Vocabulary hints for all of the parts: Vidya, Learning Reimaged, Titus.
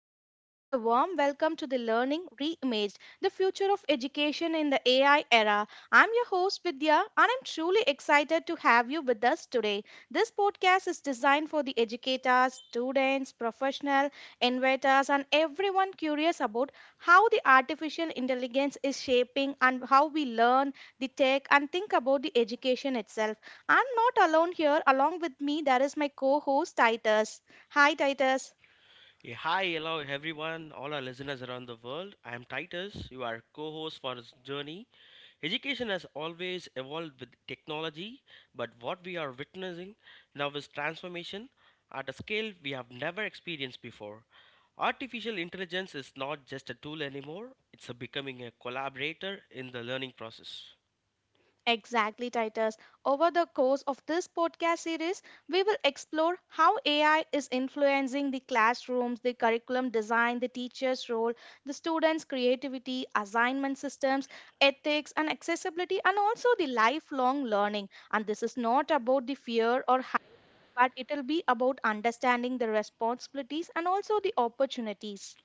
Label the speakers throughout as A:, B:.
A: everyone, and a warm welcome to the Learning Reimaged, the future of education in the AI era. I'm your host, Vidya, and I'm truly excited to have you with us today. This podcast is designed for the educators, students, professional, innovators, and everyone curious about how the artificial intelligence is shaping and how we learn, the tech, and think about the education itself. I'm not alone here. Along with me, there is my co host, Titus. Hi, Titus.
B: Yeah, hi, hello everyone, all our listeners around the world. I am Titus, you are co-host for this journey. Education has always evolved with technology, but what we are witnessing now is transformation at a scale we have never experienced before. Artificial intelligence is not just a tool anymore, it's a becoming a collaborator in the learning process.
A: Exactly, Titus. Over the course of this podcast series, we will explore how AI is influencing the classrooms, the curriculum design, the teacher's role, the students' creativity, assignment systems, ethics, and accessibility, and also the lifelong learning. And this is not about the fear or hype, but it'll be about understanding the responsibilities and also the opportunities.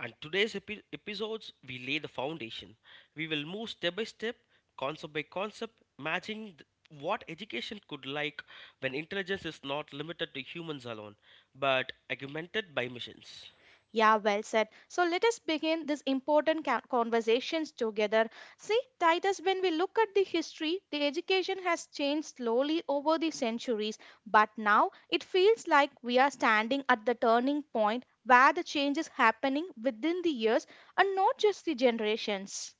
B: And today's episodes, we lay the foundation. We will move step by step, concept by concept, imagining what education could like when intelligence is not limited to humans alone, but augmented by machines.
A: Yeah, well said. So let us begin these important conversations together. See, Titus, when we look at the history, the education has changed slowly over the centuries, but now it feels like we are standing at the turning point where the change is happening within the years and not just the generations.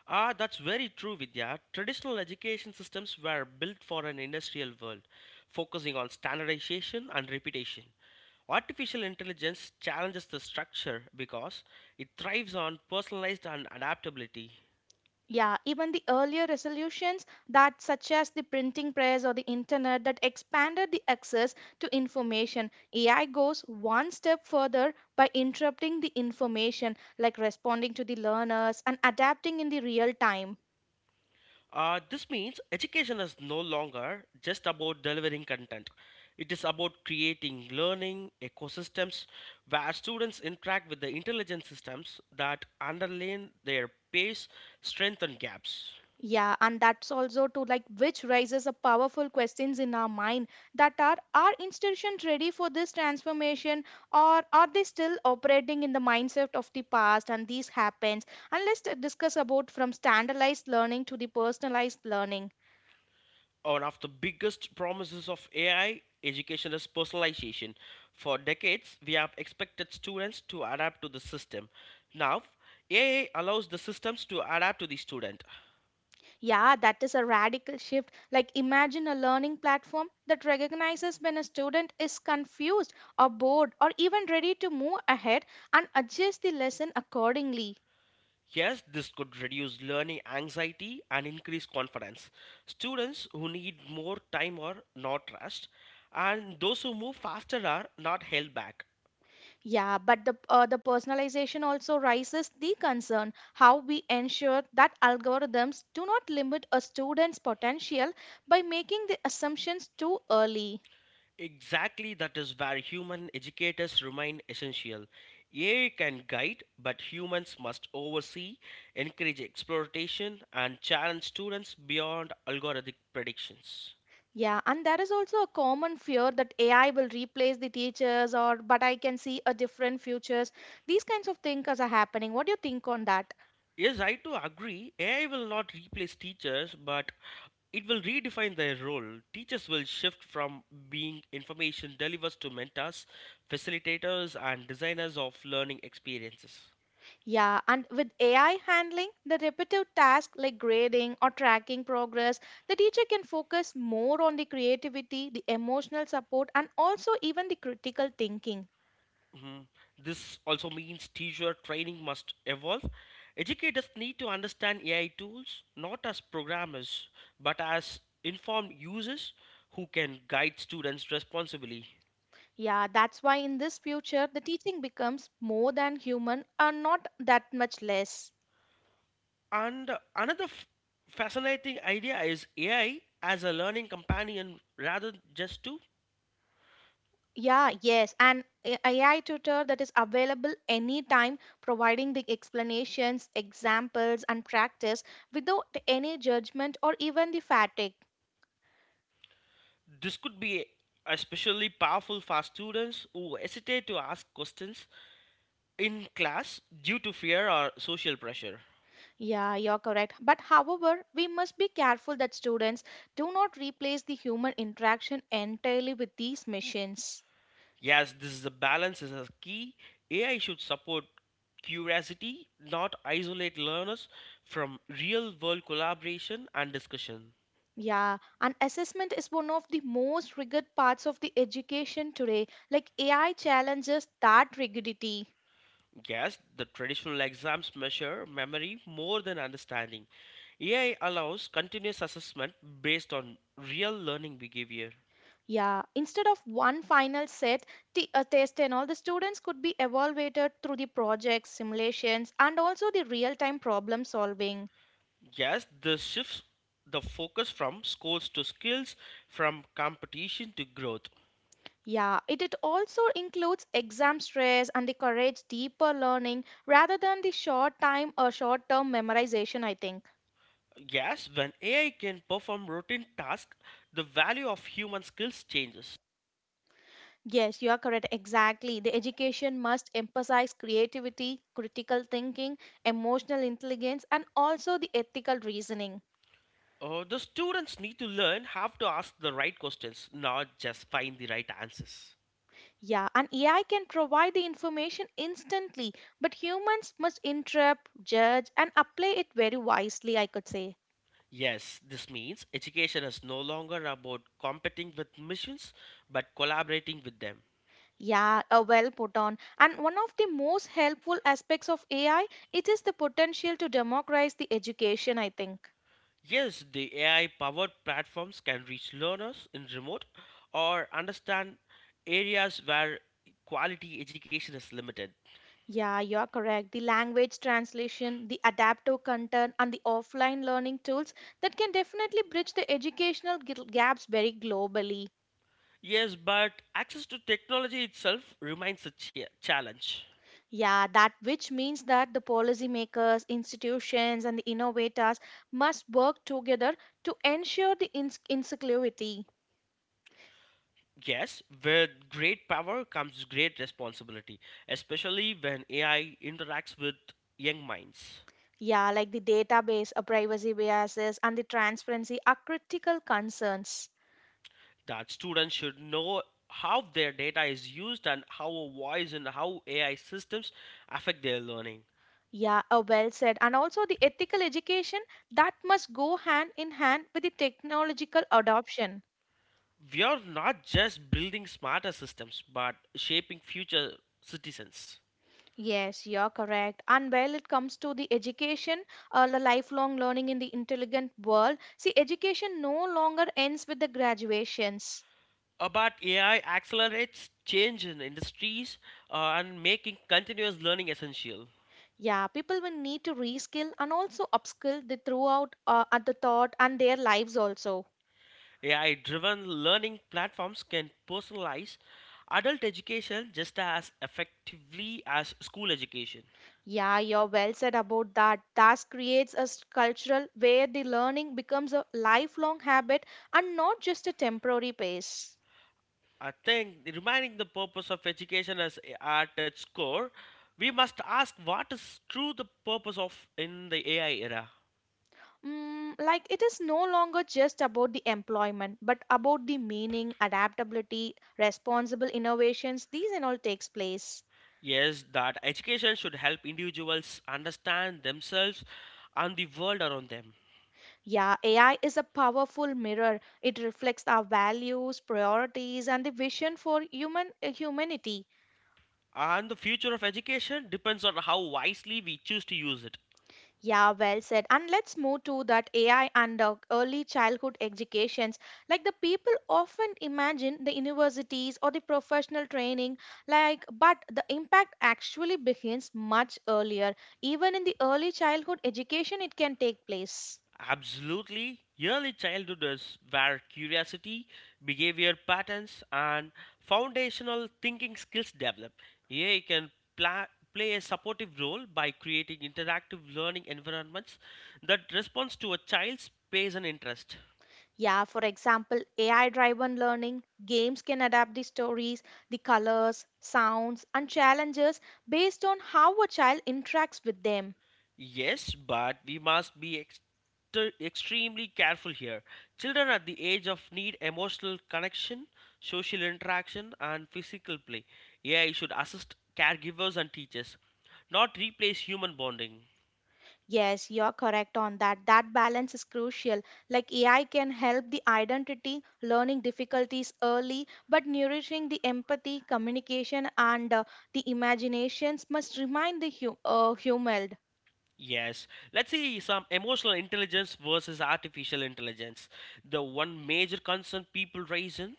B: That's very true, Vidya. Traditional education systems were built for an industrial world, focusing on standardization and repetition. Artificial intelligence challenges the structure because it thrives on personalized and adaptability.
A: Yeah, even the earlier resolutions that such as the printing press or the internet that expanded the access to information. AI goes one step further by interrupting the information like responding to the learners and adapting in the real time.
B: This means education is no longer just about delivering content. It is about creating learning ecosystems where students interact with the intelligent systems that underline their pace, strength, and gaps.
A: Yeah, and that's also to like which raises a powerful questions in our mind that are institutions ready for this transformation or are they still operating in the mindset of the past and this happens and let's discuss about from standardized learning to the personalized learning.
B: One of the biggest promises of AI education is personalization. For decades, we have expected students to adapt to the system. Now, AI allows the systems to adapt to the student.
A: Yeah, that is a radical shift. Like imagine a learning platform that recognizes when a student is confused or bored or even ready to move ahead and adjust the lesson accordingly.
B: Yes, this could reduce learning anxiety and increase confidence. Students who need more time are not rushed, and those who move faster are not held back.
A: Yeah, but the personalization also raises the concern how we ensure that algorithms do not limit a student's potential by making the assumptions too early.
B: Exactly, that is where human educators remain essential. AI can guide, but humans must oversee, encourage exploration, and challenge students beyond algorithmic predictions.
A: Yeah, and there is also a common fear that AI will replace the teachers or but I can see a different futures. These kinds of things are happening. What do you think on that?
B: Yes, I too agree. AI will not replace teachers, but it will redefine their role. Teachers will shift from being information delivers to mentors, facilitators, and designers of learning experiences.
A: Yeah, and with AI handling the repetitive tasks like grading or tracking progress, the teacher can focus more on the creativity, the emotional support, and also even the critical thinking.
B: Mhm. This also means teacher training must evolve. Educators need to understand AI tools not as programmers, but as informed users who can guide students responsibly.
A: Yeah, that's why in this future, the teaching becomes more than human and not that much less.
B: And another fascinating idea is AI as a learning companion rather just to.
A: Yeah, yes, and AI tutor that is available anytime, providing the explanations, examples, and practice without any judgment or even the fatigue.
B: This could be especially powerful for students who hesitate to ask questions in class due to fear or social pressure.
A: Yeah, you're correct. But however, we must be careful that students do not replace the human interaction entirely with these machines.
B: Yes, this is a balance is a key. AI should support curiosity, not isolate learners from real world collaboration and discussion.
A: Yeah, and assessment is one of the most rigid parts of the education today. Like AI challenges that rigidity.
B: Yes, the traditional exams measure memory more than understanding. AI allows continuous assessment based on real learning behavior.
A: Yeah, instead of one final set, a test and all, the students could be evaluated through the projects, simulations, and also the real time problem solving.
B: Yes, this shifts the focus from scores to skills, from competition to growth.
A: Yeah, it also includes exam stress and the courage deeper learning rather than the short time or short term memorization, I think.
B: Yes, when AI can perform routine tasks, the value of human skills changes.
A: Yes, you are correct. Exactly. The education must emphasize creativity, critical thinking, emotional intelligence, and also the ethical reasoning.
B: The students need to learn how to ask the right questions, not just find the right answers.
A: Yeah, and AI can provide the information instantly, but humans must interpret, judge, and apply it very wisely, I could say.
B: Yes, this means education is no longer about competing with missions but collaborating with them.
A: Yeah, well put on. And one of the most helpful aspects of AI, it is the potential to democratize the education, I think.
B: Yes, the AI powered platforms can reach learners in remote or understand areas where quality education is limited.
A: Yeah, you're correct. The language translation, the adaptive content, and the offline learning tools that can definitely bridge the educational gaps very globally.
B: Yes, but access to technology itself remains a challenge.
A: Yeah, that which means that the policymakers, institutions, and the innovators must work together to ensure the inclusivity.
B: Yes, with great power comes great responsibility, especially when AI interacts with young minds.
A: Yeah, like the database, privacy biases, and the transparency are critical concerns.
B: That students should know how their data is used and how a voice and how AI systems affect their learning.
A: Yeah, well said. And also the ethical education that must go hand in hand with the technological adoption.
B: We are not just building smarter systems, but shaping future citizens.
A: Yes, you're correct. And while it comes to the education, the lifelong learning in the intelligent world, see, education no longer ends with the graduations.
B: But AI accelerates change in industries and making continuous learning essential.
A: Yeah, people will need to reskill and also upskill the throughout at the thought and their lives also.
B: AI driven learning platforms can personalize adult education just as effectively as school education.
A: Yeah, you're well said about that. That creates a cultural where the learning becomes a lifelong habit and not just a temporary pace.
B: I think reminding the purpose of education at its core, we must ask what is true the purpose of in the AI era.
A: Mm, like it is no longer just about the employment, but about the meaning, adaptability, responsible innovations. These and all takes place.
B: Yes, that education should help individuals understand themselves and the world around them.
A: Yeah, AI is a powerful mirror. It reflects our values, priorities, and the vision for humanity.
B: And the future of education depends on how wisely we choose to use it.
A: Yeah, well said. And let's move to that AI and early childhood educations. Like the people often imagine the universities or the professional training, like, but the impact actually begins much earlier. Even in the early childhood education, it can take place.
B: Absolutely. Early childhood is where curiosity, behavior patterns, and foundational thinking skills develop. AI can pla- play a supportive role by creating interactive learning environments that responds to a child's pace and interest.
A: Yeah, for example, AI driven learning, games can adapt the stories, the colors, sounds, and challenges based on how a child interacts with them.
B: Yes, but we must be exter extremely careful here. Children at the age of need emotional connection, social interaction, and physical play. AI should assist caregivers and teachers, not replace human bonding.
A: Yes, you're correct on that. That balance is crucial. Like AI can help the identity, learning difficulties early, but nourishing the empathy, communication, and the imaginations must remind the human.
B: Yes, let's see some emotional intelligence versus artificial intelligence. The one major concern people raise in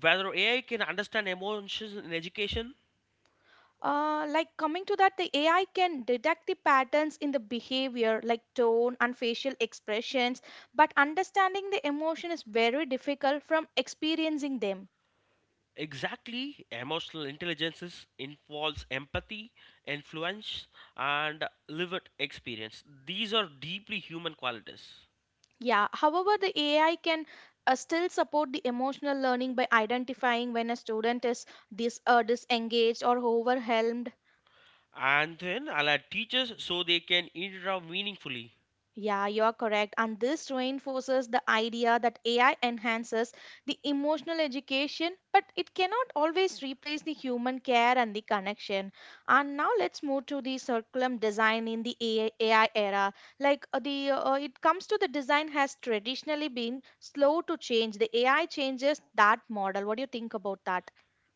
B: whether AI can understand emotions in education.
A: Like coming to that, the AI can detect the patterns in the behavior, like tone and facial expressions, but understanding the emotion is very difficult from experiencing them.
B: Exactly, emotional intelligence involves empathy, influence, and lived experience. These are deeply human qualities.
A: Yeah, however, the AI can still support the emotional learning by identifying when a student is disengaged or overwhelmed.
B: And then I'll add teachers so they can interact meaningfully.
A: Yeah, you're correct. And this reinforces the idea that AI enhances the emotional education, but it cannot always replace the human care and the connection. And now let's move to the curriculum design in the AI, era. Like the it comes to the design has traditionally been slow to change. The AI changes that model. What do you think about that?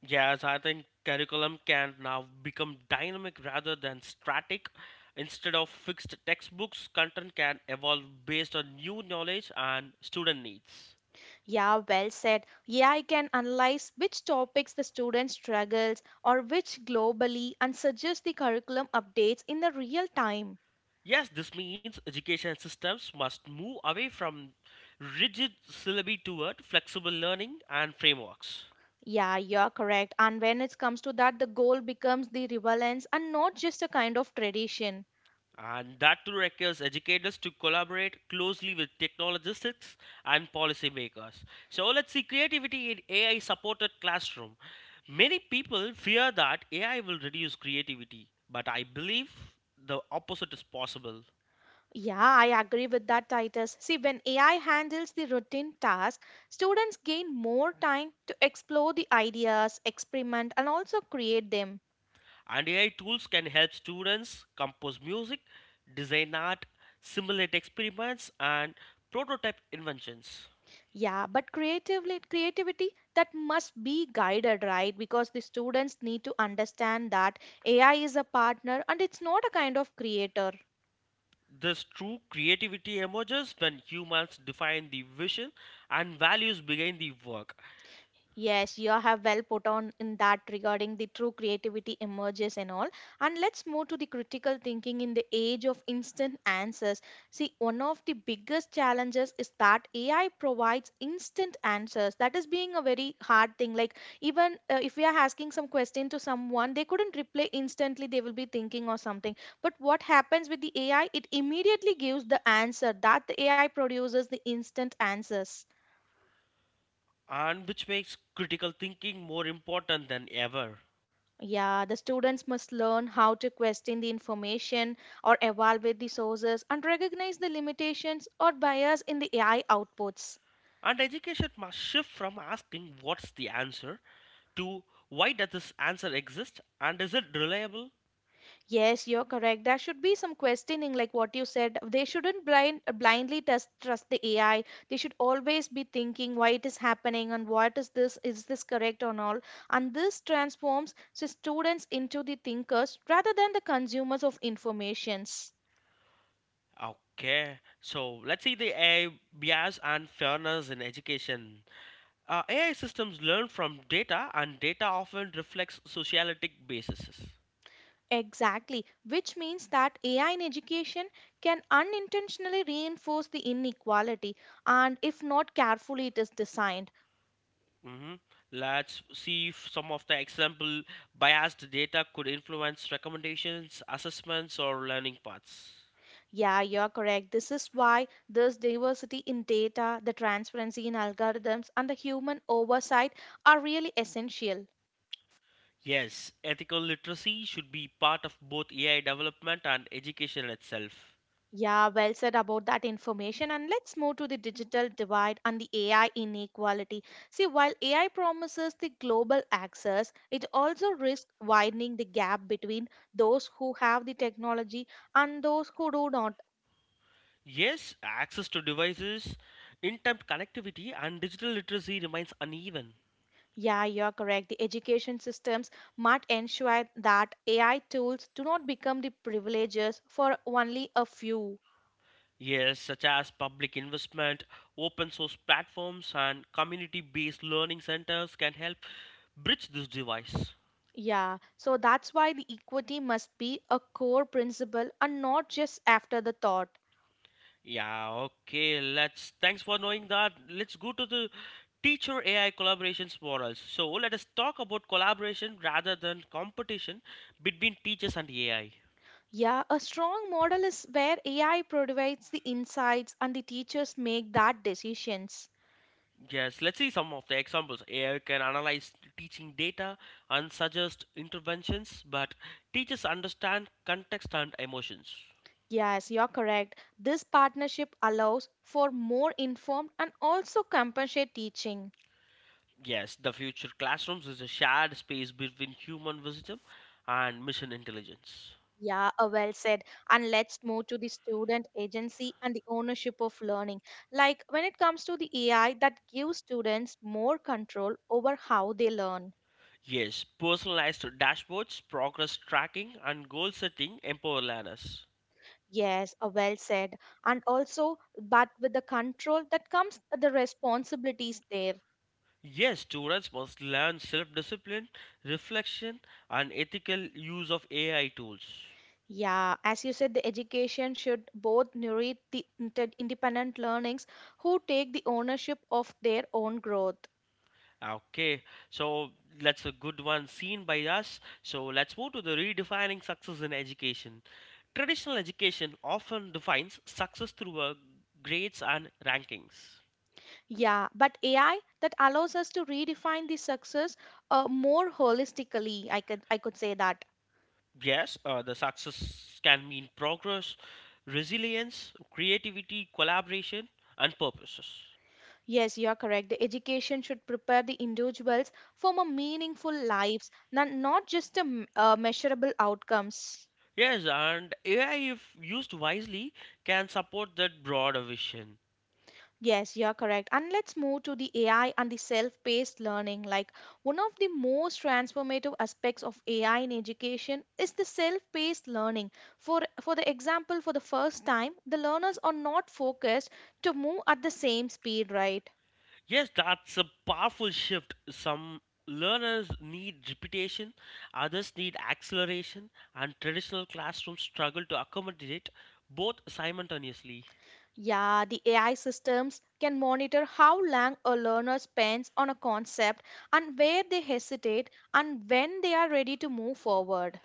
B: Yes, I think curriculum can now become dynamic rather than static. Instead of fixed textbooks, content can evolve based on new knowledge and student needs.
A: Yeah, well said. AI can analyze which topics the student struggles or which globally and suggest the curriculum updates in the real time.
B: Yes, this means education systems must move away from rigid syllabi toward flexible learning and frameworks.
A: Yeah, you're correct. And when it comes to that, the goal becomes the relevance and not just a kind of tradition.
B: And that too requires educators to collaborate closely with technologists and policymakers. So let's see creativity in AI supported classroom. Many people fear that AI will reduce creativity, but I believe the opposite is possible.
A: Yeah, I agree with that, Titus. See, when AI handles the routine task, students gain more time to explore the ideas, experiment, and also create them.
B: And AI tools can help students compose music, design art, simulate experiments, and prototype inventions.
A: Yeah, but creatively creativity that must be guided, right? Because the students need to understand that AI is a partner and it's not a kind of creator.
B: This true creativity emerges when humans define the vision and values behind the work,
A: Yes, you have well put on in that regarding the true creativity emerges and all. And let's move to the critical thinking in the age of instant answers. See, one of the biggest challenges is that AI provides instant answers. That is being a very hard thing. Like even if we are asking some question to someone, they couldn't reply instantly. They will be thinking or something. But what happens with the AI? It immediately gives the answer that the AI produces the instant answers.
B: and which makes critical thinking more important than ever.
A: Yeah, the students must learn how to question the information or evaluate the sources and recognize the limitations or bias in the AI outputs.
B: And education must shift from asking what's the answer to why does this answer exist and is it reliable.
A: Yes, you're correct. There should be some questioning, like what you said. They shouldn't blindly test, trust the AI. They should always be thinking why it is happening and what is this correct or not? And this transforms the students into the thinkers rather than the consumers of informations.
B: Okay, so let's see the AI bias and fairness in education. AI systems learn from data, and data often reflects socialistic bases.
A: Exactly, which means that AI in education can unintentionally reinforce the inequality, and if not carefully, it is designed.
B: Hmm. Let's see if some of the example biased data could influence recommendations, assessments, or learning paths.
A: Yeah, you're correct. This is why this diversity in data, the transparency in algorithms, and the human oversight are really essential.
B: Yes, ethical literacy should be part of both AI development and education itself.
A: Yeah, well said about that information. And let's move to the digital divide and the AI inequality. See, while AI promises the global access, it also risks widening the gap between those who have the technology and those who do not.
B: Yes, access to devices, in-depth connectivity, and digital literacy remains uneven.
A: Yeah, you're correct. The education systems must ensure that AI tools do not become the privileges for only a few.
B: Yes, such as public investment, open source platforms, and community based learning centers can help bridge this device.
A: Yeah, so that's why the equity must be a core principle and not just after the thought.
B: Yeah, okay, let's thanks for knowing that. Let's go to the teacher AI collaborations models. So, let us talk about collaboration rather than competition between teachers and AI.
A: Yeah, a strong model is where AI provides the insights and the teachers make that decisions.
B: Yes, let's see some of the examples. AI can analyze teaching data and suggest interventions, but teachers understand context and emotions.
A: Yes, you're correct. This partnership allows for more informed and also compassionate teaching.
B: Yes, the future classrooms is a shared space between human wisdom and mission intelligence.
A: Yeah, well said. And let's move to the student agency and the ownership of learning. Like when it comes to the AI, that gives students more control over how they learn.
B: Yes, personalized dashboards, progress tracking, and goal setting empower learners.
A: Yes, well said. And also, but with the control that comes the responsibilities there.
B: Yes, students must learn self discipline, reflection, and ethical use of AI tools.
A: Yeah, as you said, the education should both nourish the independent learnings who take the ownership of their own growth.
B: Okay, so that's a good one seen by us. So let's move to the redefining success in education. Traditional education often defines success through grades and rankings.
A: Yeah, but AI that allows us to redefine the success more holistically. I could say that.
B: Yes, the success can mean progress, resilience, creativity, collaboration, and purposes.
A: Yes, you are correct. The education should prepare the individuals for more meaningful lives, not just measurable outcomes.
B: Yes, and AI, if used wisely, can support that broader vision.
A: Yes, you're correct. And let's move to the AI and the self paced learning. One of the most transformative aspects of AI in education is the self paced learning. For the example, for the first time, the learners are not focused to move at the same speed, right?
B: Yes, that's a powerful shift. Some learners need repetition, others need acceleration, and traditional classrooms struggle to accommodate both simultaneously.
A: Yeah, the AI systems can monitor how long a learner spends on a concept and where they hesitate and when they are ready to move forward.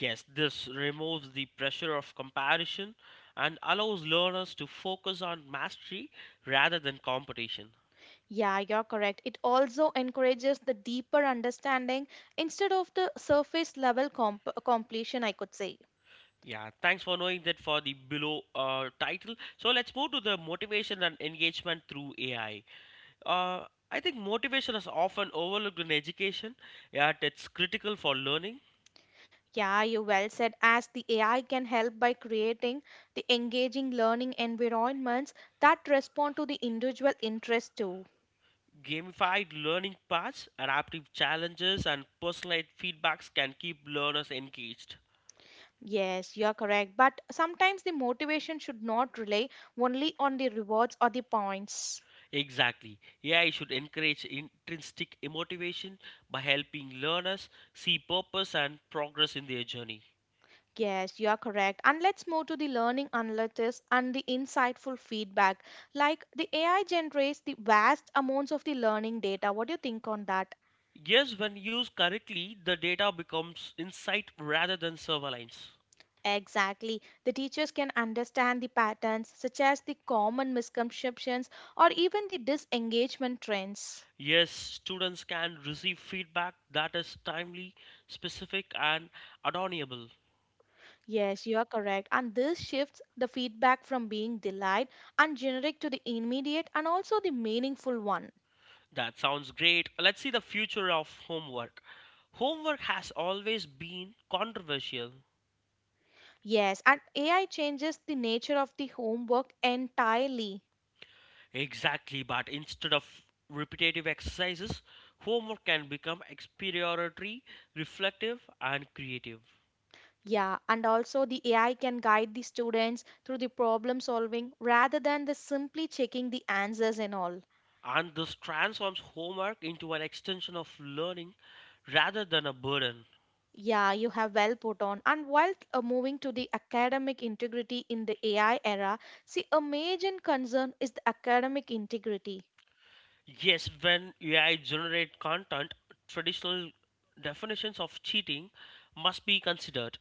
B: Yes, this removes the pressure of comparison and allows learners to focus on mastery rather than competition.
A: Yeah, you're correct. It also encourages the deeper understanding instead of the surface level completion, I could say.
B: Yeah, thanks for knowing that for the below title. So let's move to the motivation and engagement through AI. Uh, I think motivation is often overlooked in education, yet it's critical for learning.
A: Yeah, you well said. As the AI can help by creating the engaging learning environments that respond to the individual interest too.
B: Gamified learning paths, adaptive challenges, and personalized feedbacks can keep learners engaged.
A: Yes, you're correct. But sometimes the motivation should not rely only on the rewards or the points.
B: Exactly. AI should encourage intrinsic motivation by helping learners see purpose and progress in their journey.
A: Yes, you are correct. And let's move to the learning analytics and the insightful feedback. Like the AI generates the vast amounts of the learning data. What do you think on that?
B: Yes, when used correctly, the data becomes insight rather than surveillance.
A: Exactly. The teachers can understand the patterns, such as the common misconceptions or even the disengagement trends.
B: Yes, students can receive feedback that is timely, specific, and adornable.
A: Yes, you are correct. And this shifts the feedback from being delight and generic to the immediate and also the meaningful one.
B: That sounds great. Let's see the future of homework. Homework has always been controversial.
A: Yes, and AI changes the nature of the homework entirely.
B: Exactly, but instead of repetitive exercises, homework can become exploratory, reflective, and creative.
A: Yeah, and also the AI can guide the students through the problem solving rather than the simply checking the answers and all.
B: And this transforms homework into an extension of learning rather than a burden.
A: Yeah, you have well put on. And while moving to the academic integrity in the AI era, see, a major concern is the academic integrity.
B: Yes, when AI generate content, traditional definitions of cheating must be considered.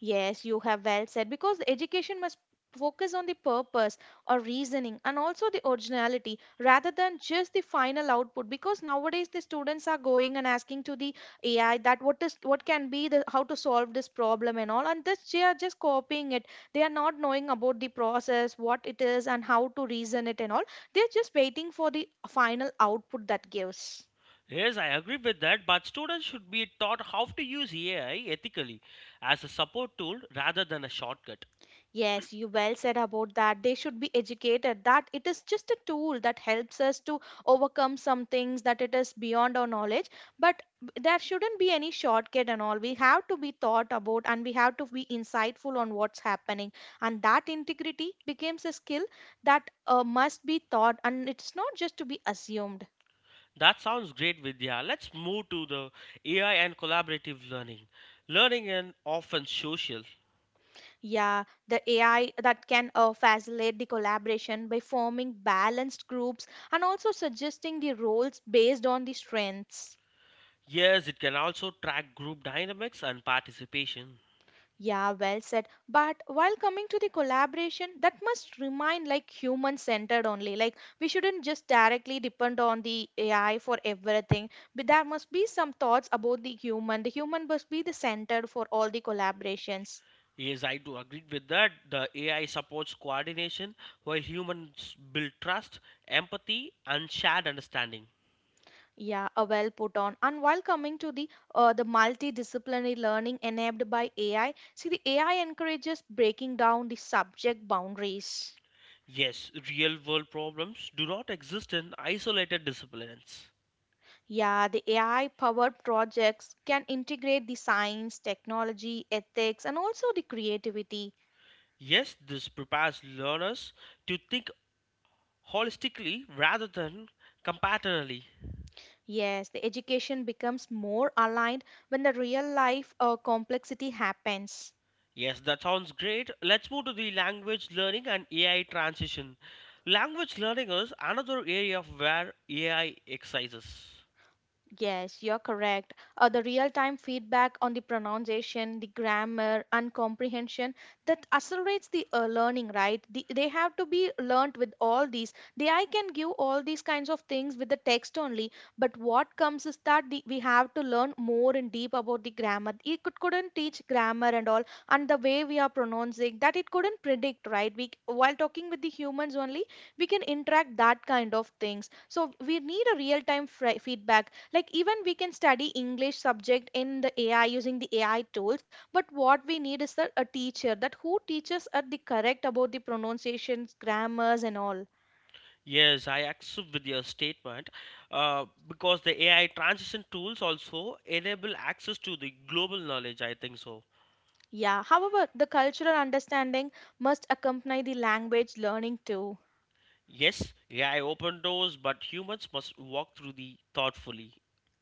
A: Yes, you have well said because the education must focus on the purpose or reasoning and also the originality rather than just the final output because nowadays the students are going and asking to the AI that what is what can be the how to solve this problem and all and this they are just copying it. They are not knowing about the process what it is and how to reason it and all. They are just waiting for the final output that gives.
B: Yes, I agree with that, but students should be taught how to use AI ethically as a support tool rather than a shortcut.
A: Yes, you well said about that. They should be educated that it is just a tool that helps us to overcome some things that it is beyond our knowledge, but there shouldn't be any shortcut and all. We have to be thought about and we have to be insightful on what's happening. And that integrity becomes a skill that must be taught and it's not just to be assumed.
B: That sounds great, Vidya. Let's move to the AI and collaborative learning. Learning and often social.
A: Yeah, the AI that can facilitate the collaboration by forming balanced groups and also suggesting the roles based on the strengths.
B: Yes, it can also track group dynamics and participation.
A: Yeah, well said. But while coming to the collaboration, that must remain like human centered only. Like we shouldn't just directly depend on the AI for everything. But there must be some thoughts about the human. The human must be the center for all the collaborations.
B: Yes, I do agree with that. The AI supports coordination while humans build trust, empathy, and shared understanding.
A: Yeah, a well put on. And while coming to the multidisciplinary learning enabled by AI, see the AI encourages breaking down the subject boundaries.
B: Yes, real world problems do not exist in isolated disciplines.
A: Yeah, the AI powered projects can integrate the science, technology, ethics, and also the creativity.
B: Yes, this prepares learners to think holistically rather than comparatively.
A: Yes, the education becomes more aligned when the real life complexity happens.
B: Yes, that sounds great. Let's move to the language learning and AI transition. Language learning is another area of where AI excises.
A: Yes, you're correct. The real time feedback on the pronunciation, the grammar, and comprehension that accelerates the learning, right? They have to be learnt with all these. The I can give all these kinds of things with the text only, but what comes is that we have to learn more in deep about the grammar. It couldn't teach grammar and all, and the way we are pronouncing that it couldn't predict, right? We while talking with the humans only, we can interact that kind of things. So we need a real time feedback, like even we can study English subject in the AI using the AI tools, but what we need is a teacher that who teaches at the correct about the pronunciations grammars and all.
B: Yes, I accept with your statement because the AI transition tools also enable access to the global knowledge. I think so.
A: Yeah, however the cultural understanding must accompany the language learning too.
B: Yes, AI open doors, but humans must walk through the thoughtfully.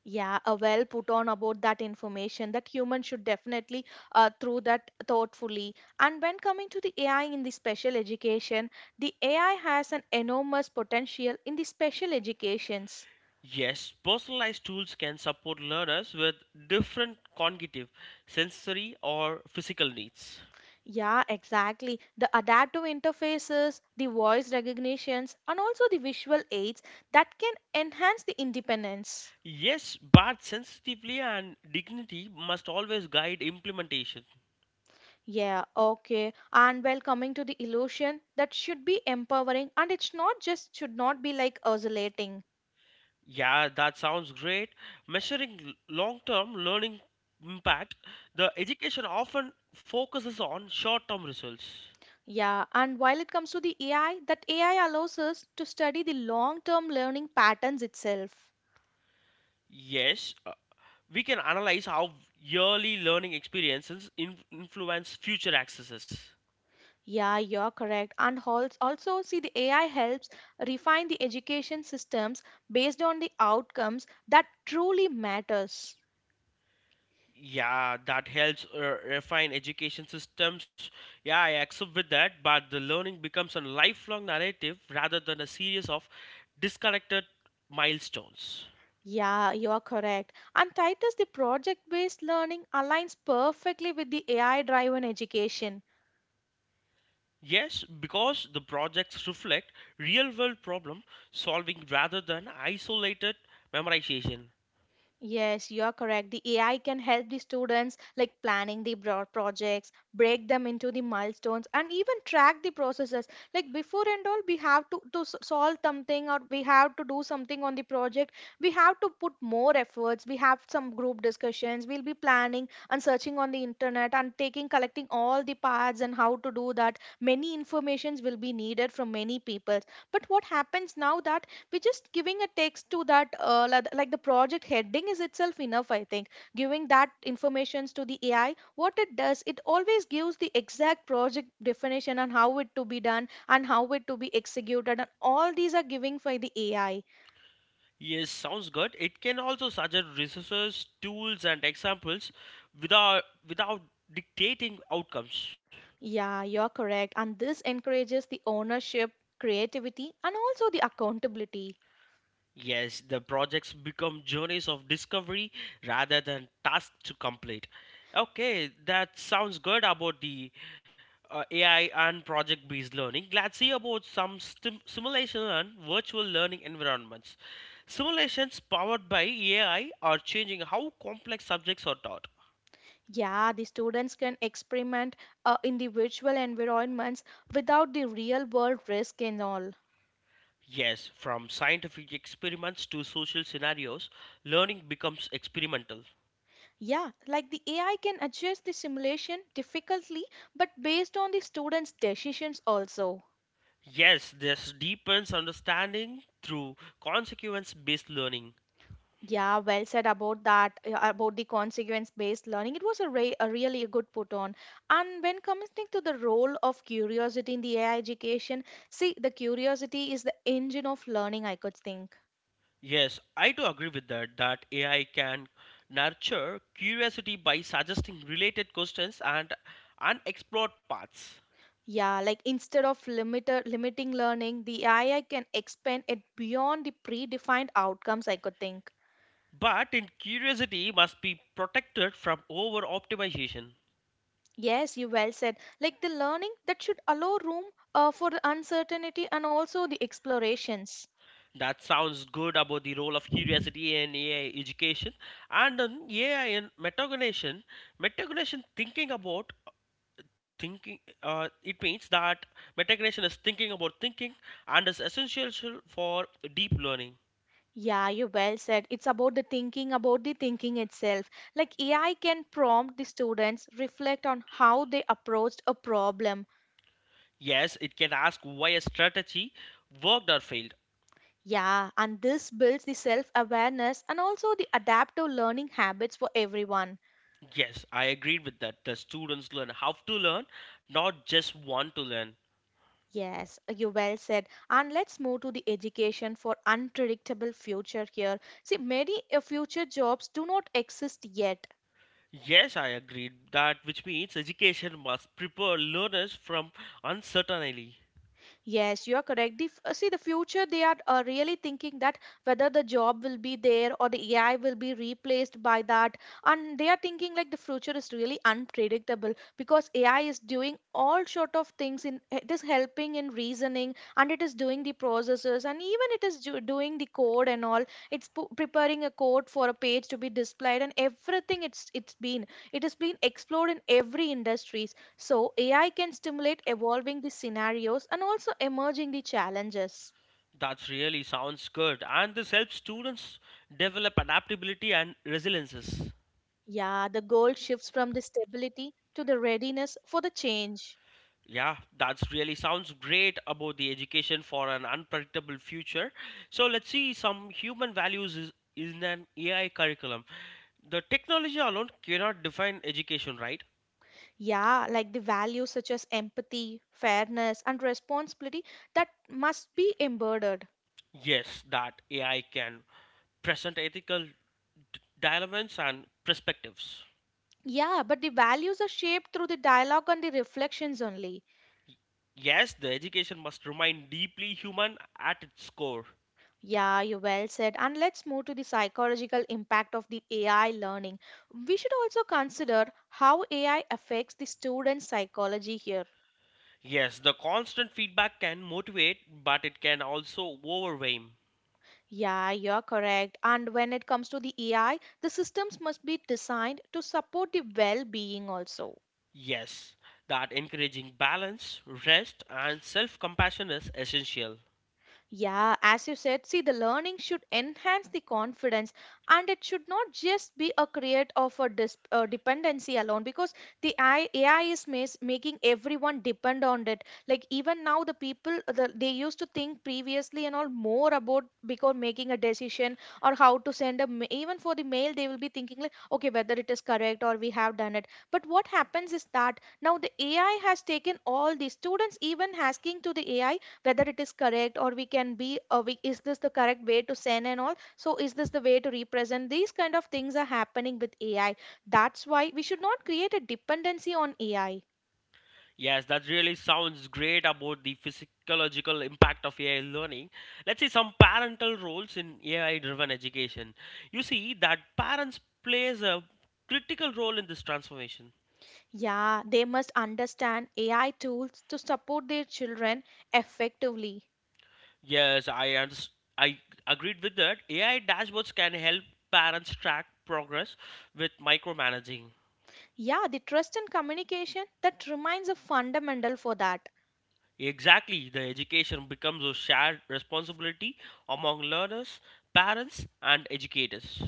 A: Yeah, a well put on about that information that human should definitely through that thoughtfully. And when coming to the AI in the special education, the AI has an enormous potential in the special educations.
B: Yes, personalized tools can support learners with different cognitive, sensory, or physical needs.
A: Yeah, exactly. The adaptive interfaces, the voice recognitions, and also the visual aids that can enhance the independence.
B: Yes, but sensitively and dignity must always guide implementation.
A: Yeah, okay. And well, coming to the illusion, that should be empowering and it's not just should not be like oscillating.
B: Yeah, that sounds great. Measuring long term learning impact, the education often focuses on short term results.
A: Yeah, and while it comes to the AI, that AI allows us to study the long term learning patterns itself.
B: Yes, we can analyze how yearly learning experiences influence future accesses.
A: Yeah, you're correct. And also, see, the AI helps refine the education systems based on the outcomes that truly matters.
B: Yeah, that helps refine education systems. Yeah, I accept with that, but the learning becomes a lifelong narrative rather than a series of disconnected milestones.
A: Yeah, you are correct. And Titus, the project-based learning aligns perfectly with the AI-driven education.
B: Yes, because the projects reflect real world problem solving rather than isolated memorization.
A: Yes, you are correct. The AI can help the students like planning the broad projects, break them into the milestones, and even track the processes. Like before and all, we have to, solve something or we have to do something on the project. We have to put more efforts. We have some group discussions. We'll be planning and searching on the internet and taking, collecting all the paths and how to do that. Many informations will be needed from many people. But what happens now that we are just giving a text to that like the project heading is itself enough, I think, giving that informations to the AI. What it does, it always gives the exact project definition and how it to be done and how it to be executed and all these are giving by the AI.
B: Yes, sounds good. It can also suggest resources, tools, and examples without dictating outcomes.
A: Yeah, you're correct and this encourages the ownership, creativity and also the accountability.
B: Yes, the projects become journeys of discovery rather than tasks to complete. Okay, that sounds good about the AI and project based learning. Let's see about some simulation and virtual learning environments. Simulations powered by AI are changing how complex subjects are taught.
A: Yeah, the students can experiment in the virtual environments without the real world risk and all.
B: Yes, from scientific experiments to social scenarios, learning becomes experimental.
A: Yeah, like the AI can adjust the simulation difficultly, but based on the students' decisions also.
B: Yes, this deepens understanding through consequence based learning.
A: Yeah, well said about that, about the consequence based learning. It was a really a good put on. And when coming to the role of curiosity in the AI education, see, the curiosity is the engine of learning, I could think.
B: Yes, I do agree with that, that AI can nurture curiosity by suggesting related questions and unexplored paths.
A: Yeah, like instead of limiting learning, the AI can expand it beyond the predefined outcomes, I could think.
B: But in curiosity must be protected from over optimization.
A: Yes, you well said. Like the learning that should allow room for the uncertainty and also the explorations.
B: That sounds good about the role of curiosity in AI education and on AI in metacognition. Metacognition thinking about thinking it means that metacognition is thinking about thinking and is essential for deep learning.
A: Yeah, you well said. It's about the thinking itself. Like AI can prompt the students reflect on how they approached a problem.
B: Yes, it can ask why a strategy worked or failed.
A: Yeah, and this builds the self awareness and also the adaptive learning habits for everyone.
B: Yes, I agreed with that, the students learn how to learn, not just want to learn.
A: Yes, you well said. And let's move to the education for unpredictable future here. See, many future jobs do not exist yet.
B: Yes, I agreed that, which means education must prepare learners from uncertainty.
A: Yes, you are correct. See, the future, they are really thinking that whether the job will be there or the AI will be replaced by that. And they are thinking like the future is really unpredictable because AI is doing all sort of things. In it is helping in reasoning and it is doing the processes and even it is doing the code and all. It's preparing a code for a page to be displayed and everything it's been. It has been explored in every industry. So, AI can stimulate evolving the scenarios and also emerging the challenges.
B: That really sounds good, and this helps students develop adaptability and resiliences.
A: Yeah, the goal shifts from the stability to the readiness for the change.
B: Yeah, that's really sounds great about the education for an unpredictable future. So let's see some human values is in an AI curriculum. The technology alone cannot define education, right?
A: Yeah, like the values such as empathy, fairness, and responsibility that must be embodied.
B: Yes, that AI can present ethical dilemmas and perspectives.
A: Yeah, but the values are shaped through the dialogue and the reflections only.
B: Y- Yes, the education must remain deeply human at its core.
A: Yeah, you well said. And let's move to the psychological impact of the AI learning. We should also consider how AI affects the student psychology here.
B: Yes, the constant feedback can motivate, but it can also overwhelm.
A: Yeah, you're correct. And when it comes to the AI, the systems must be designed to support the well being also.
B: Yes, that encouraging balance, rest, and self compassion is essential.
A: Yeah, as you said, see, the learning should enhance the confidence and it should not just be a create of a dependency alone because the AI is making everyone depend on it. Like even now, the people, they used to think previously and all more about because making a decision or how to send even for the mail, they will be thinking like, okay, whether it is correct or we have done it. But what happens is that now the AI has taken all the students even asking to the AI whether it is correct or we can be we, is this the correct way to send and all? So is this the way to represent? These kind of things are happening with ai. That's why we should not create a dependency on ai.
B: Yes, that really sounds great about the physiological impact of AI learning. Let's see some parental roles in AI driven education. You see that parents plays a critical role in this transformation.
A: Yeah, they must understand ai tools to support their children effectively.
B: Yes, I agreed with that. AI dashboards can help parents track progress with micromanaging.
A: Yeah, the trust and communication that remains a fundamental for that.
B: Exactly, the education becomes a shared responsibility among learners, parents, and educators.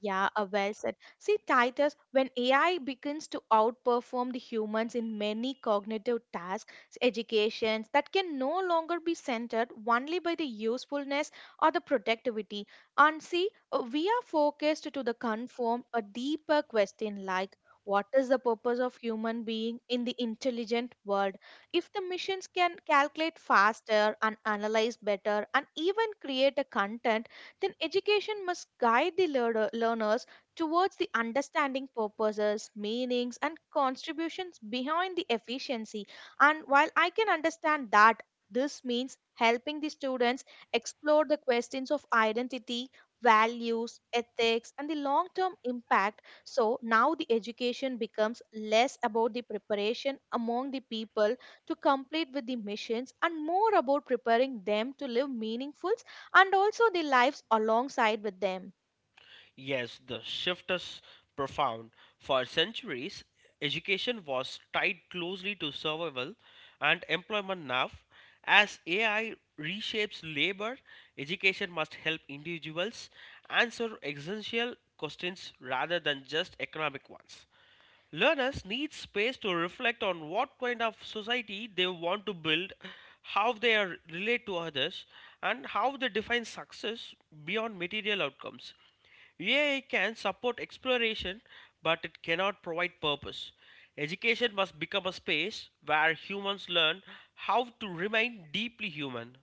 A: Yeah, well said. See, Titus, when AI begins to outperform the humans in many cognitive tasks, educations that can no longer be centered only by the usefulness or the productivity. And see, we are focused to the conform a deeper question like, what is the purpose of human being in the intelligent world? If the machines can calculate faster and analyze better and even create a content, then education must guide the learners towards the understanding purposes, meanings, and contributions behind the efficiency. And while I can understand that, this means helping the students explore the questions of identity, values, ethics, and the long term impact. So now the education becomes less about the preparation among the people to complete with the missions and more about preparing them to live meaningful and also the lives alongside with them.
B: Yes, the shift is profound. For centuries, education was tied closely to survival and employment now. As AI reshapes labor, education must help individuals answer existential questions rather than just economic ones. Learners need space to reflect on what kind of society they want to build, how they are, relate to others, and how they define success beyond material outcomes. VIA can support exploration, but it cannot provide purpose. Education must become a space where humans learn how to remain deeply human.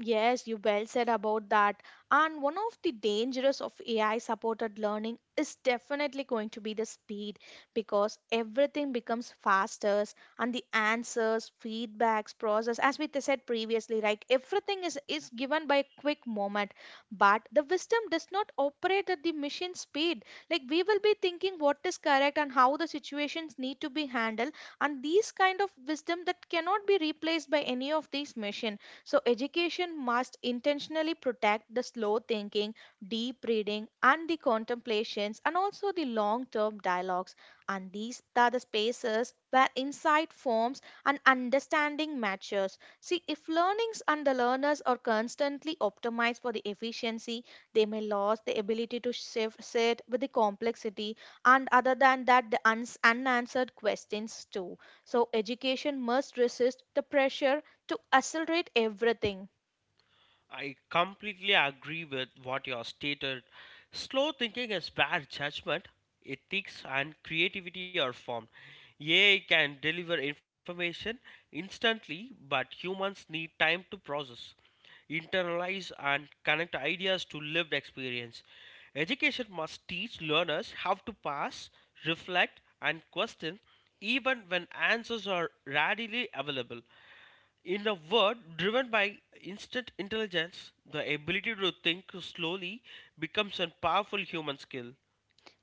A: Yes, you well said about that. And one of the dangers of AI supported learning is definitely going to be the speed because everything becomes faster and the answers, feedbacks, process, as we said previously, like everything is given by a quick moment. But the wisdom does not operate at the machine speed. Like we will be thinking what is correct and how the situations need to be handled. And these kind of wisdom that cannot be replaced by any of these machine. So, education must intentionally protect the slow thinking, deep reading, and the contemplations, and also the long term dialogues. And these are the spaces where insight forms and understanding matures. See, if learnings and the learners are constantly optimized for the efficiency, they may lose the ability to sit with the complexity, and other than that, the unanswered questions too. So, education must resist the pressure to accelerate everything.
B: I completely agree with what you have stated. Slow thinking is where judgment, ethics, and creativity are formed. AI can deliver information instantly, but humans need time to process, internalize, and connect ideas to lived experience. Education must teach learners how to pass, reflect, and question even when answers are readily available. In a world driven by instant intelligence, the ability to think slowly becomes a powerful human skill.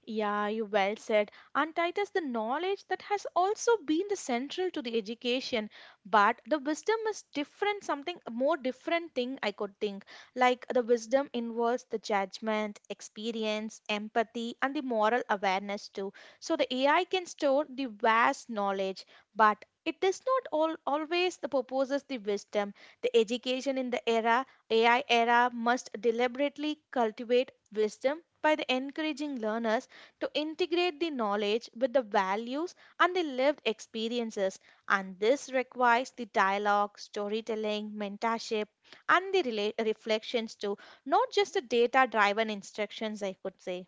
A: Yeah, you well said. And Titus, the knowledge that has also been the central to the education, but the wisdom is different, something a more different thing I could think. Like the wisdom involves the judgment, experience, empathy, and the moral awareness too. So the AI can store the vast knowledge, but it does not always the proposes the wisdom. The education in the era AI era must deliberately cultivate wisdom by the encouraging learners to integrate the knowledge with the values and the lived experiences. And this requires the dialogue, storytelling, mentorship, and the reflections too, not just the data driven instructions, I could say.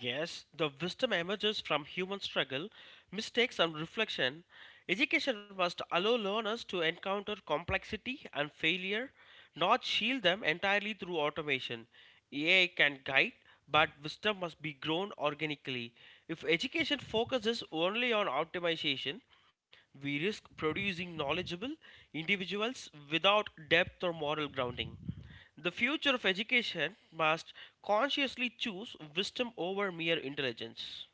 B: Yes, the wisdom emerges from human struggle, mistakes, and reflection. Education must allow learners to encounter complexity and failure, not shield them entirely through automation. AI can guide, but wisdom must be grown organically. If education focuses only on optimization, we risk producing knowledgeable individuals without depth or moral grounding. The future of education must consciously choose wisdom over mere intelligence.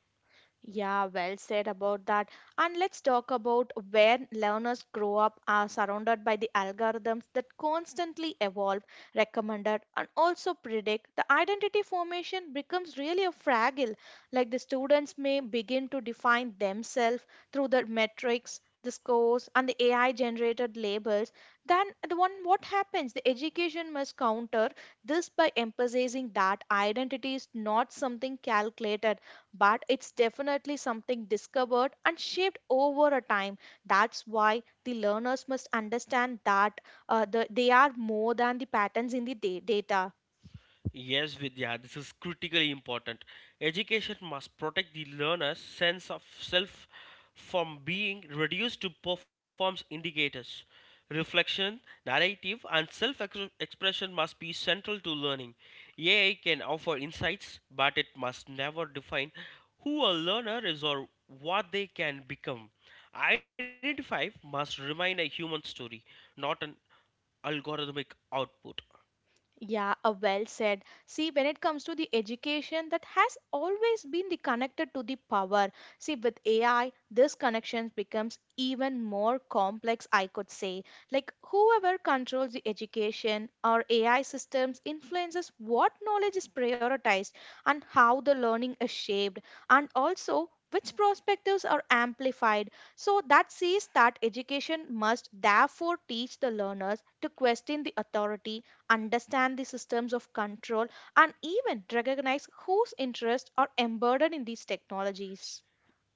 A: Yeah, well said about that. And let's talk about where learners grow up are surrounded by the algorithms that constantly evolve, recommended, and also predict. The identity formation becomes really a fragile. Like the students may begin to define themselves through the metrics, the scores, and the AI generated labels. Then the one what happens? The education must counter this by emphasizing that identity is not something calculated, but it's definitely something discovered and shaped over a time. That's why the learners must understand that they are more than the patterns in the data.
B: Yes, Vidya, this is critically important. Education must protect the learner's sense of self from being reduced to performance indicators. Reflection, narrative, and self expression must be central to learning. AI can offer insights, but it must never define who a learner is or what they can become. Identify must remain a human story, not an algorithmic output.
A: Yeah, well said. See, when it comes to the education, that has always been the connected to the power. See, with AI, this connection becomes even more complex, I could say. Like, whoever controls the education or AI systems influences what knowledge is prioritized and how the learning is shaped, and also which perspectives are amplified. So, that says that education must therefore teach the learners to question the authority, understand the systems of control, and even recognize whose interests are embedded in these technologies.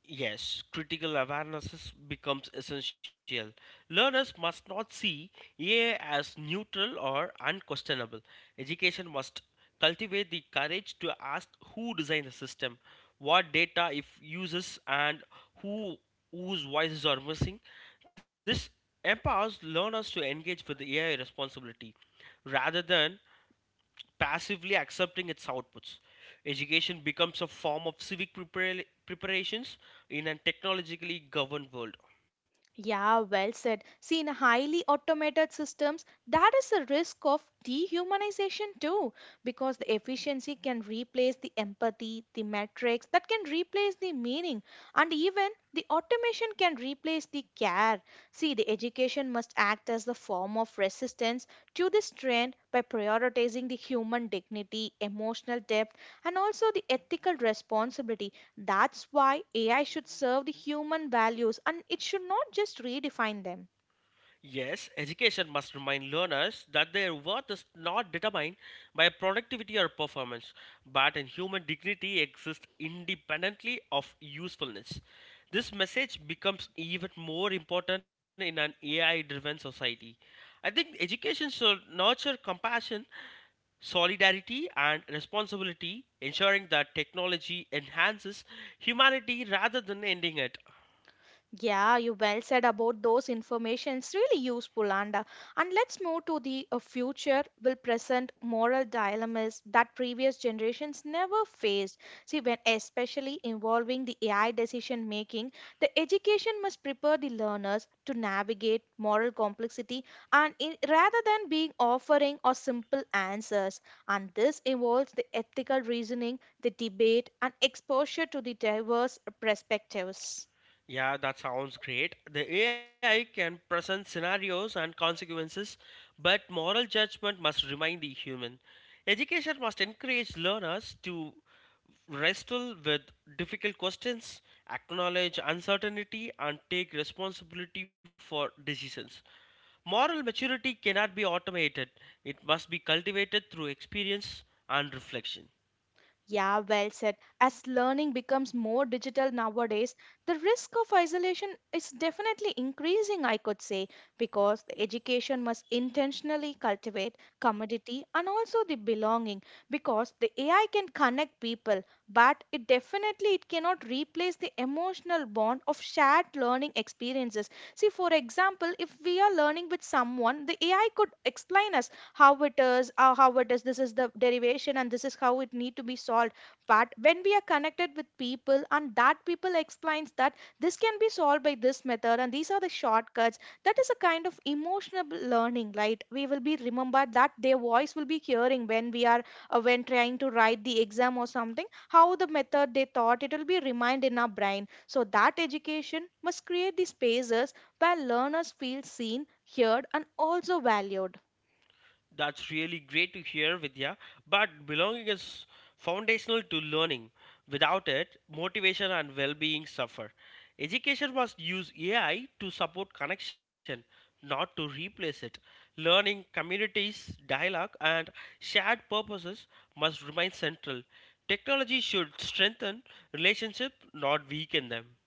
B: Yes, critical awareness becomes essential. Learners must not see AI as neutral or unquestionable. Education must cultivate the courage to ask who designed the system, what data it uses, and who whose voices are missing. This empowers learners to engage with the AI responsibility rather than passively accepting its outputs. Education becomes a form of civic preparations in a technologically governed world.
A: Yeah, well said. See, in highly automated systems, that is a risk of dehumanization too, because the efficiency can replace the empathy, the metrics, that can replace the meaning, and even the automation can replace the care. See, the education must act as the form of resistance to this trend by prioritizing the human dignity, emotional depth, and also the ethical responsibility. That's why AI should serve the human values and it should not just redefine them.
B: Yes, education must remind learners that their worth is not determined by productivity or performance, but in human dignity exists independently of usefulness. This message becomes even more important in an AI driven society. I think education should nurture compassion, solidarity, and responsibility, ensuring that technology enhances humanity rather than ending it.
A: Yeah, you well said about those information. It's really useful, and let's move to the future. Will present moral dilemmas that previous generations never faced. See, when especially involving the AI decision making, the education must prepare the learners to navigate moral complexity, and in, rather than being offering or simple answers, and this involves the ethical reasoning, the debate, and exposure to the diverse perspectives.
B: Yeah, that sounds great. The AI can present scenarios and consequences, but moral judgment must remain the human. Education must encourage learners to wrestle with difficult questions, acknowledge uncertainty, and take responsibility for decisions. Moral maturity cannot be automated, it must be cultivated through experience and reflection.
A: Yeah, well said. As learning becomes more digital nowadays, the risk of isolation is definitely increasing, I could say, because the education must intentionally cultivate commodity and also the belonging because the AI can connect people, but it definitely it cannot replace the emotional bond of shared learning experiences. See, for example, if we are learning with someone, the AI could explain us, how it is this is the derivation and this is how it need to be solved. But when we are connected with people and that people explains that this can be solved by this method and these are the shortcuts, that is a kind of emotional learning, right? We will be remembered that their voice will be hearing when we are when trying to write the exam or something how the method they thought it will be remind in our brain. So that education must create the spaces where learners feel seen, heard, and also valued.
B: That's really great to hear, Vidya. But belonging is foundational to learning. Without it, motivation and well being suffer. Education must use AI to support connection, not to replace it. Learning, communities, dialogue, and shared purposes must remain central. Technology should strengthen relationships, not weaken them.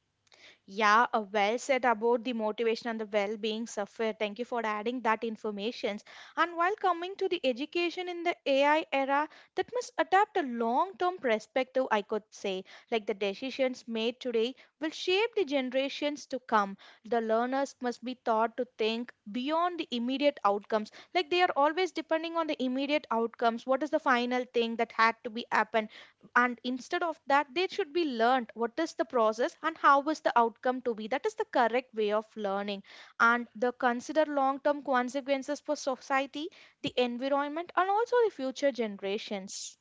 A: Yeah, well said about the motivation and the well-being software. Thank you for adding that information. And while coming to the education in the AI era, that must adapt a long-term perspective, I could say. Like the decisions made today will shape the generations to come. The learners must be taught to think beyond the immediate outcomes. Like they are always depending on the immediate outcomes. What is the final thing that had to be happen? And instead of that they should be learned what is the process and how is the outcome to be, that is the correct way of learning and the consider long term consequences for society, the environment and also the future generations.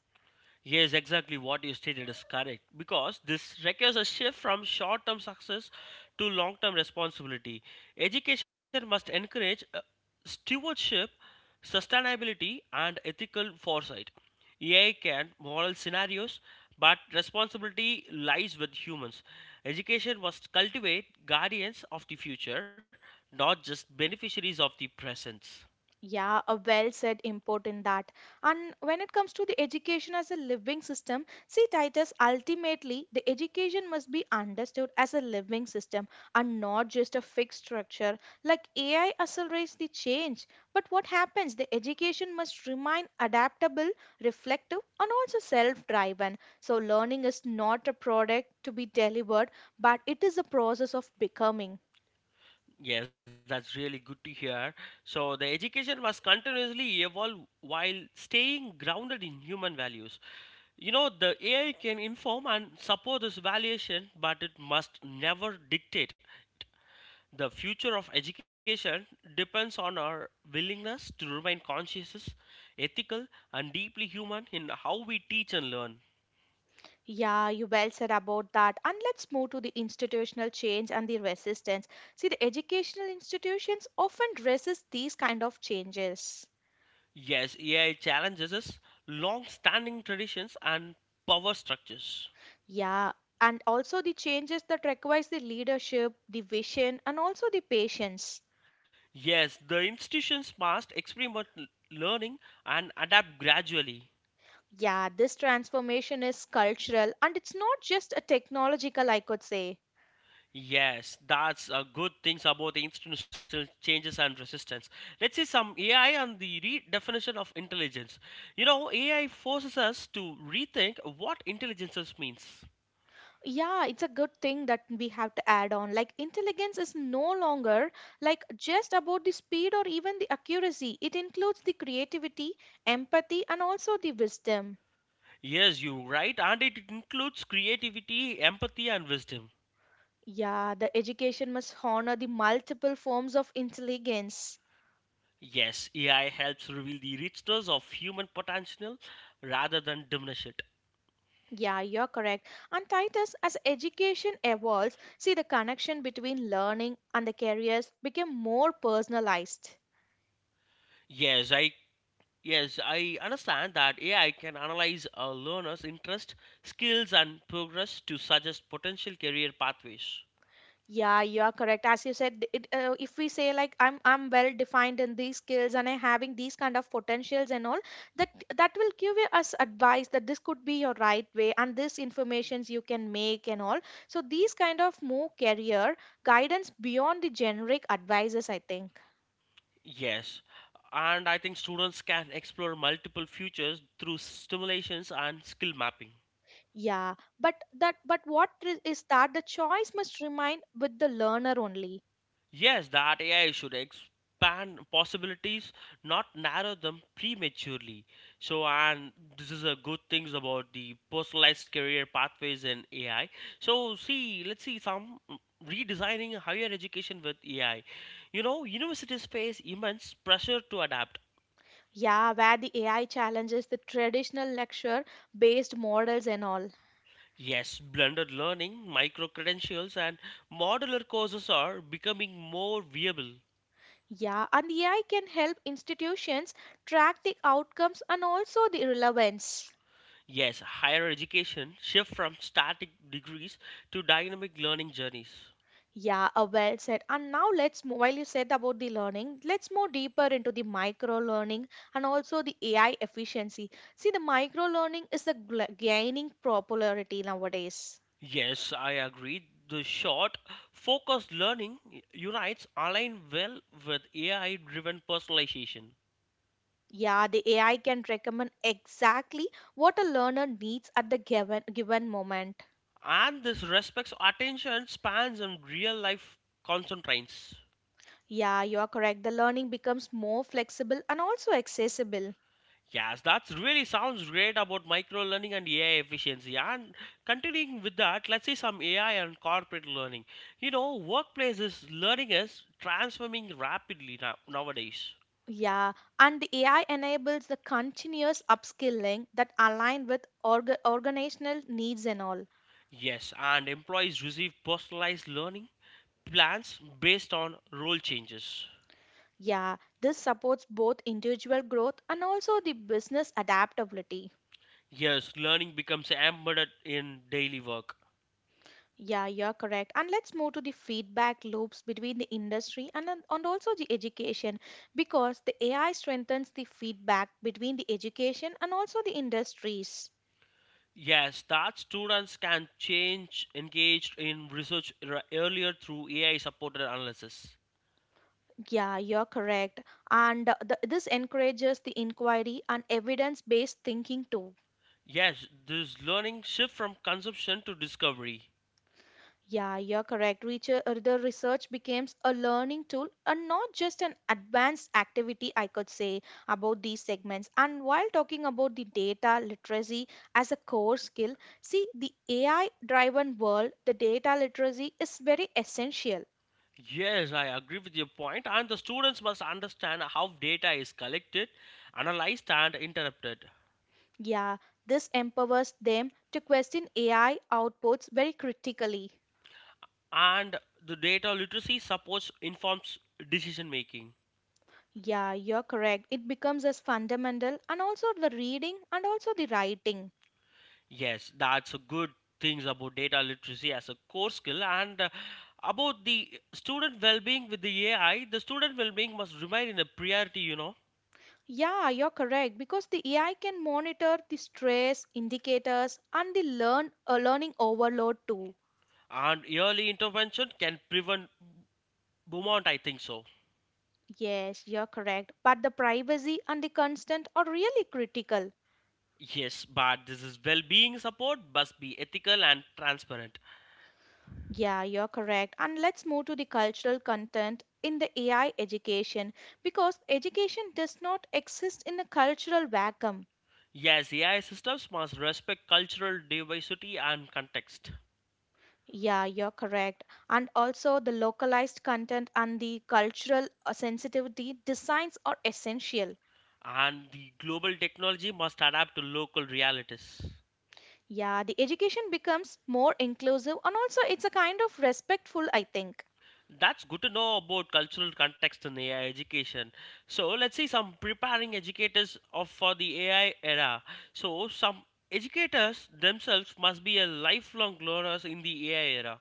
B: Yes, exactly what you stated is correct because this requires a shift from short term success to long term responsibility. Education must encourage stewardship, sustainability, and ethical foresight. AI can model scenarios, but responsibility lies with humans. Education must cultivate guardians of the future, not just beneficiaries of the present.
A: Yeah, a well said import in that. And when it comes to the education as a living system, see, Titus, ultimately, the education must be understood as a living system and not just a fixed structure. Like AI accelerates the change, but what happens? The education must remain adaptable, reflective, and also self driven. So, learning is not a product to be delivered, but it is a process of becoming.
B: Yes, that's really good to hear. So, the education must continuously evolve while staying grounded in human values. You know, the AI can inform and support this valuation, but it must never dictate it. The future of education depends on our willingness to remain conscious, ethical, and deeply human in how we teach and learn.
A: Yeah, you well said about that. And let's move to the institutional change and the resistance. See, the educational institutions often resist these kind of changes.
B: Yes, AI challenges us long standing traditions and power structures.
A: Yeah, and also the changes that requires the leadership, the vision, and also the patience.
B: Yes, the institutions must experiment learning and adapt gradually.
A: Yeah, this transformation is cultural and it's not just a technological, I could say.
B: Yes, that's a good things about the institutional changes and resistance. Let's see some AI and the redefinition of intelligence. You know, AI forces us to rethink what intelligence means.
A: Yeah, it's a good thing that we have to add on. Like, intelligence is no longer like just about the speed or even the accuracy. It includes the creativity, empathy, and also the wisdom.
B: Yes, you're right, and it includes creativity, empathy, and wisdom.
A: Yeah, the education must honor the multiple forms of intelligence.
B: Yes, AI helps reveal the richness of human potential rather than diminish it.
A: Yeah, you're correct. And Titus, as education evolves, see the connection between learning and the careers became more personalized.
B: Yes, I Yes, I understand that AI can analyze a learner's interest, skills, and progress to suggest potential career pathways.
A: Yeah, you are correct. As you said, if we say like I'm well defined in these skills and I having these kind of potentials and all, that will give you us advice that this could be your right way and this informations you can make and all. So these kind of more career guidance beyond the generic advices, I think.
B: Yes, and I think students can explore multiple futures through stimulations and skill mapping.
A: Yeah, but that but what is that the choice must remain with the learner only.
B: Yes, that AI should expand possibilities, not narrow them prematurely. So, and this is a good things about the personalized career pathways in AI. So, see, let's see some redesigning higher education with AI. You know, universities face immense pressure to adapt.
A: Yeah, where the AI challenges the traditional lecture based models and all.
B: Yes, blended learning, micro credentials, and modular courses are becoming more viable.
A: Yeah, and AI can help institutions track the outcomes and also the relevance.
B: Yes, higher education shift from static degrees to dynamic learning journeys.
A: Yeah, well said. And now let's move, while you said about the learning, let's move deeper into the micro learning and also the AI efficiency. See, the micro learning is the gaining popularity nowadays.
B: Yes, I agree. The short, focused learning unites align well with AI-driven personalization,
A: Yeah, the AI can recommend exactly what a learner needs at the given moment.
B: and this respects attention spans and real-life constraints.
A: Yeah, you are correct. The learning becomes more flexible and also accessible.
B: Yes, that really sounds great about micro learning and AI efficiency. And continuing with that, let's see some AI and corporate learning. You know, workplaces learning is transforming rapidly now, nowadays.
A: Yeah, and the AI enables the continuous upskilling that align with organizational needs and all.
B: Yes, and employees receive personalized learning plans based on role changes.
A: Yeah, this supports both individual growth and also the business adaptability.
B: Yes, learning becomes embedded in daily work.
A: Yeah, you're correct. And let's move to the feedback loops between the industry and also the education because the AI strengthens the feedback between the education and also the industries.
B: Yes, that students can change engaged in research earlier through AI supported analysis.
A: Yeah, you're correct. And this encourages the inquiry and evidence based thinking too.
B: Yes, this learning shift from consumption to discovery.
A: Yeah, you're correct. The research becomes a learning tool and not just an advanced activity, I could say, about these segments. And while talking about the data literacy as a core skill, see, the AI driven world, the data literacy is very essential.
B: Yes, I agree with your point, and the students must understand how data is collected, analyzed, and interpreted.
A: Yeah, this empowers them to question AI outputs very critically.
B: And the data literacy supports informs decision making.
A: Yeah, you're correct. It becomes as fundamental and also the reading and also the writing.
B: Yes, that's a good things about data literacy as a core skill and about the student well-being with the AI. The student well-being must remain in a priority, you know,
A: Yeah, you're correct because the AI can monitor the stress indicators and the learning overload too.
B: and early intervention can prevent burnout. I think so.
A: Yes, you're correct, but the privacy and the constant are really critical.
B: Yes, but this is well-being support must be ethical and transparent.
A: Yeah, you're correct. And let's move to the cultural content in the AI education because education does not exist in a cultural vacuum.
B: Yes, AI systems must respect cultural diversity and context,
A: Yeah, you're correct. And also, the localized content and the cultural sensitivity designs are essential.
B: and the global technology must adapt to local realities.
A: Yeah, the education becomes more inclusive and also it's a kind of respectful, I think.
B: That's good to know about cultural context in AI education. So let's see some preparing educators of for the AI era. So some educators themselves must be a lifelong learners in the AI era.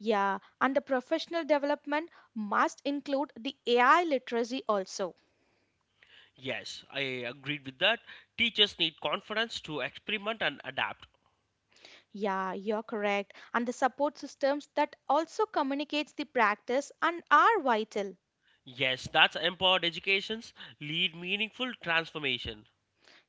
A: Yeah, and the professional development must include the AI literacy also.
B: Yes, I agreed with that. Teachers need confidence to experiment and adapt.
A: Yeah, you're correct. And the support systems that also communicates the practice and are vital.
B: Yes, that's empowered educations lead meaningful transformation.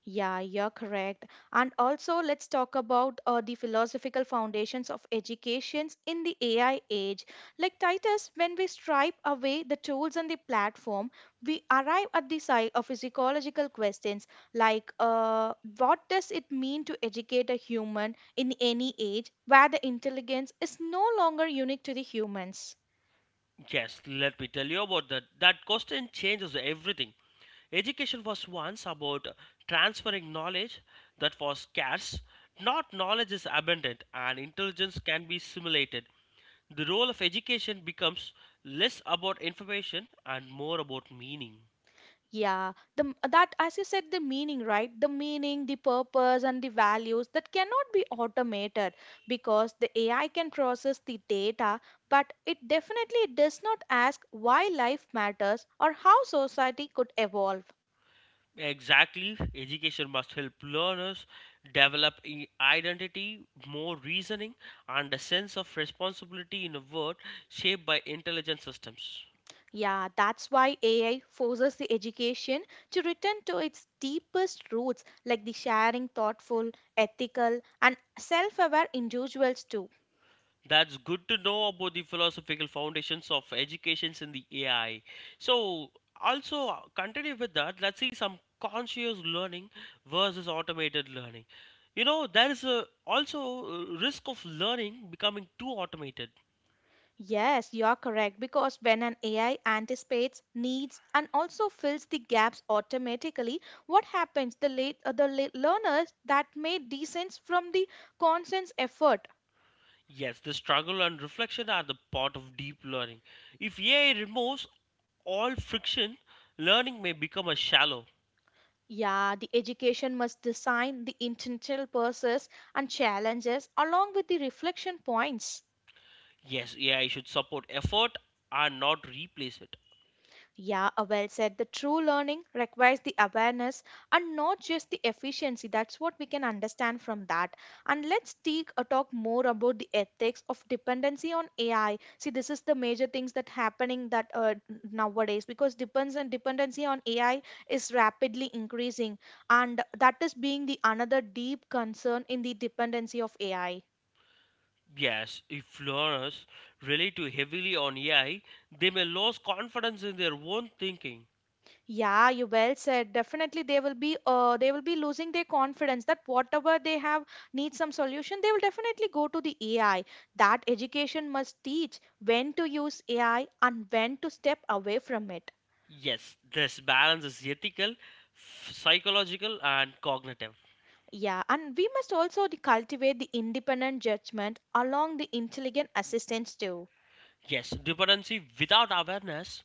A: Yeah, you're correct. And also, let's talk about the philosophical foundations of educations in the AI age. Like Titus, when we stripe away the tools and the platform, we arrive at the side of psychological questions like what does it mean to educate a human in any age where the intelligence is no longer unique to the humans?
B: Yes, let me tell you about that. That question changes everything. Education was once about transferring knowledge that was scarce. Not knowledge is abundant and intelligence can be simulated. The role of education becomes less about information and more about meaning.
A: Yeah, the that as you said, the meaning, right? The meaning, the purpose, and the values that cannot be automated because the AI can process the data, but it definitely does not ask why life matters or how society could evolve.
B: Exactly. Education must help learners develop identity, more reasoning, and a sense of responsibility in a world shaped by intelligent systems.
A: Yeah, that's why AI forces the education to return to its deepest roots, like the sharing thoughtful, ethical, and self aware individuals, too.
B: That's good to know about the philosophical foundations of educations in the AI. So, also continue with that. Let's see some conscious learning versus automated learning. You know, there is a, also risk of learning becoming too automated.
A: Yes, you are correct because when an AI anticipates needs and also fills the gaps automatically, what happens? The late learners that may descends from the conscious effort.
B: Yes, the struggle and reflection are the part of deep learning. If AI removes all friction, learning may become a shallow.
A: Yeah, the education must design the intentional process and challenges along with the reflection points.
B: Yes, AI should support effort and not replace it.
A: Yeah, well said. The true learning requires the awareness and not just the efficiency. That's what we can understand from that. And let's take a talk more about the ethics of dependency on AI. See, this is the major things that happening that nowadays because depends and dependency on AI is rapidly increasing, and that is being the another deep concern in the dependency of AI.
B: Yes, if learners rely too heavily on AI, they may lose confidence in their own thinking.
A: Yeah, you well said. Definitely, they will be losing their confidence that whatever they have needs some solution. They will definitely go to the AI. That education must teach when to use AI and when to step away from it.
B: Yes, this balance is ethical, psychological, and cognitive.
A: Yeah, and we must also cultivate the independent judgment along the intelligent assistance too.
B: Yes, dependency without awareness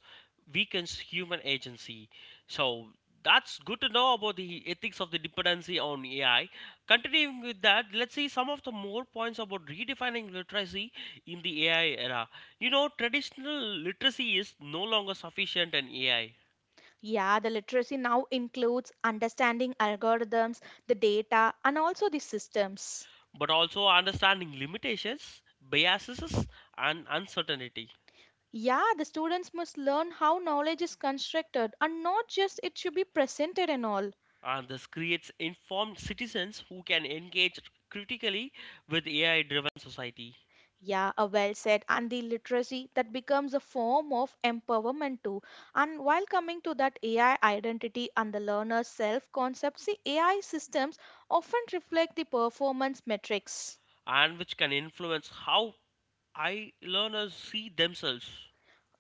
B: weakens human agency. So that's good to know about the ethics of the dependency on AI. Continuing with that, let's see some of the more points about redefining literacy in the AI era. You know, traditional literacy is no longer sufficient in AI,
A: Yeah, the literacy now includes understanding algorithms, the data, and also the systems.
B: but also understanding limitations, biases, and uncertainty.
A: Yeah, the students must learn how knowledge is constructed and not just it should be presented and all.
B: And this creates informed citizens who can engage critically with AI driven society.
A: Yeah, a well said. And the literacy that becomes a form of empowerment too. And while coming to that AI identity and the learner's self concept, see, AI systems often reflect the performance metrics.
B: And which can influence how I learners see themselves.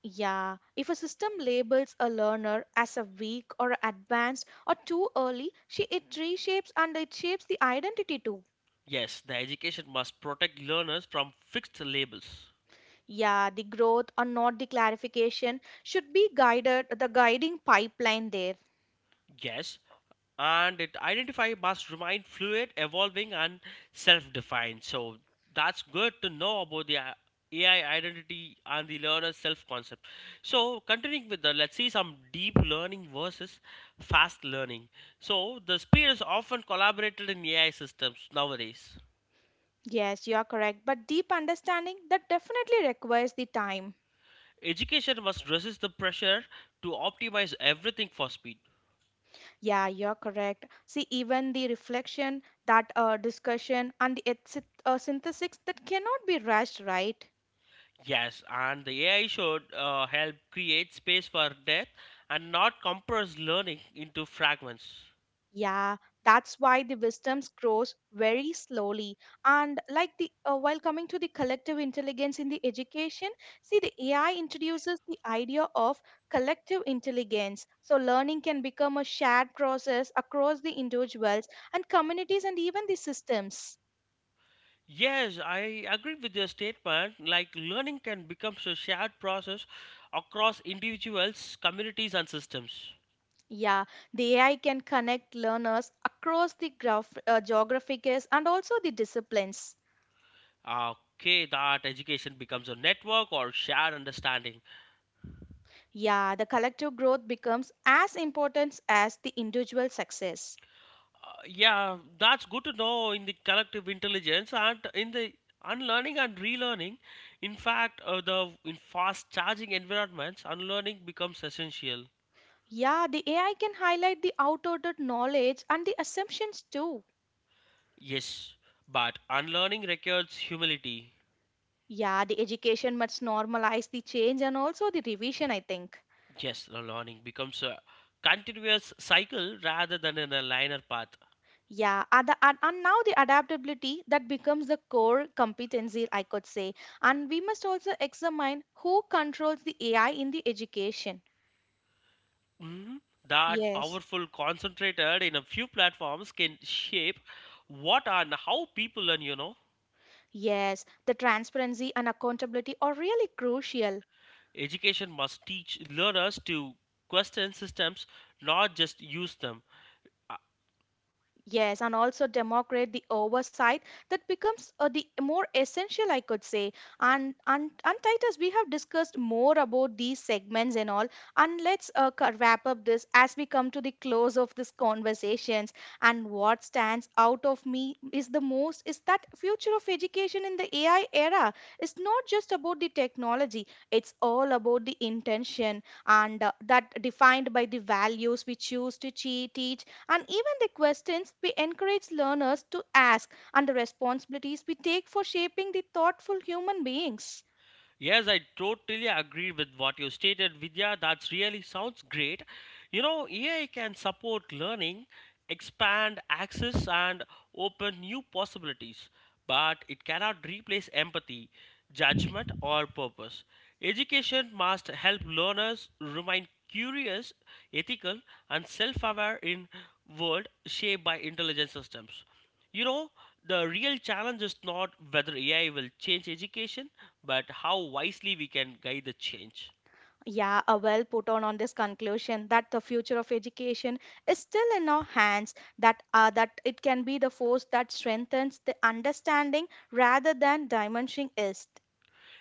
A: Yeah, if a system labels a learner as a weak or advanced or too early, she it reshapes and it shapes the identity too.
B: Yes, the education must protect learners from fixed labels.
A: Yeah, the growth or not the clarification should be guided, the guiding pipeline there.
B: Yes, and it identify must remain fluid, evolving, and self-defined. So that's good to know about the AI identity and the learner's self-concept. So continuing with the let's see some deep learning versus fast learning. So the speed is often collaborated in AI systems nowadays.
A: Yes, you are correct, but deep understanding that definitely requires the time.
B: Education must resist the pressure to optimize everything for speed.
A: Yeah, you're correct. See, even the reflection, that discussion, and the synthesis that cannot be rushed, right?
B: Yes, and the AI should help create space for depth and not compress learning into fragments.
A: Yeah, that's why the wisdom grows very slowly. And like the while coming to the collective intelligence in the education, see the AI introduces the idea of collective intelligence. So learning can become a shared process across the individuals and communities and even the systems.
B: Yes, I agree with your statement. Like learning can become a shared process across individuals, communities, and systems.
A: Yeah, the AI can connect learners across the geographies and also the disciplines.
B: Okay, that education becomes a network or shared understanding.
A: Yeah, the collective growth becomes as important as the individual success.
B: Yeah, that's good to know in the collective intelligence and in the unlearning and relearning. In fact, the in fast charging environments unlearning becomes essential.
A: Yeah, the AI can highlight the outdated knowledge and the assumptions too.
B: Yes, but unlearning requires humility.
A: Yeah, the education must normalize the change and also the revision, I think.
B: Yes, the learning becomes a continuous cycle rather than in a linear path.
A: Yeah, and now the adaptability that becomes the core competency, I could say. And we must also examine who controls the AI in the education.
B: Mhm. That
A: Yes,
B: powerful concentrated in a few platforms can shape what and how people learn, you know.
A: yes, the transparency and accountability are really crucial.
B: Education must teach learners to question systems, not just use them.
A: Yes, and also democrate the oversight that becomes the more essential, I could say. And Titus, we have discussed more about these segments and all. And let's wrap up this as we come to the close of this conversations. And what stands out of me is the most is that future of education in the AI era is not just about the technology. It's all about the intention and that defined by the values we choose to teach, and even the questions we encourage learners to ask, and the responsibilities we take for shaping the thoughtful human beings.
B: Yes, I totally agree with what you stated, Vidya. That really sounds great. You know, AI can support learning, expand access, and open new possibilities, but it cannot replace empathy, judgment, or purpose. Education must help learners remain curious, ethical, and self aware in world shaped by intelligent systems. You know, the real challenge is not whether AI will change education, but how wisely we can guide the change.
A: Yeah, a well put on this conclusion that the future of education is still in our hands, that that it can be the force that strengthens the understanding rather than diminishing it.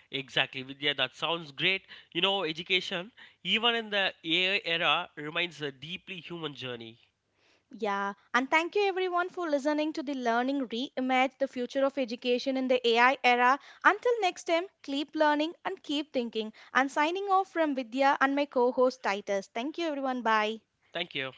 B: Exactly, Vidya, that sounds great. You know, education, even in the AI era, remains a deeply human journey.
A: Yeah, and thank you everyone for listening to the Learning Reimagine the Future of Education in the AI Era. Until next time, keep learning and keep thinking. And signing off from Vidya and my co host Titus. Thank you everyone. Bye.
B: Thank you.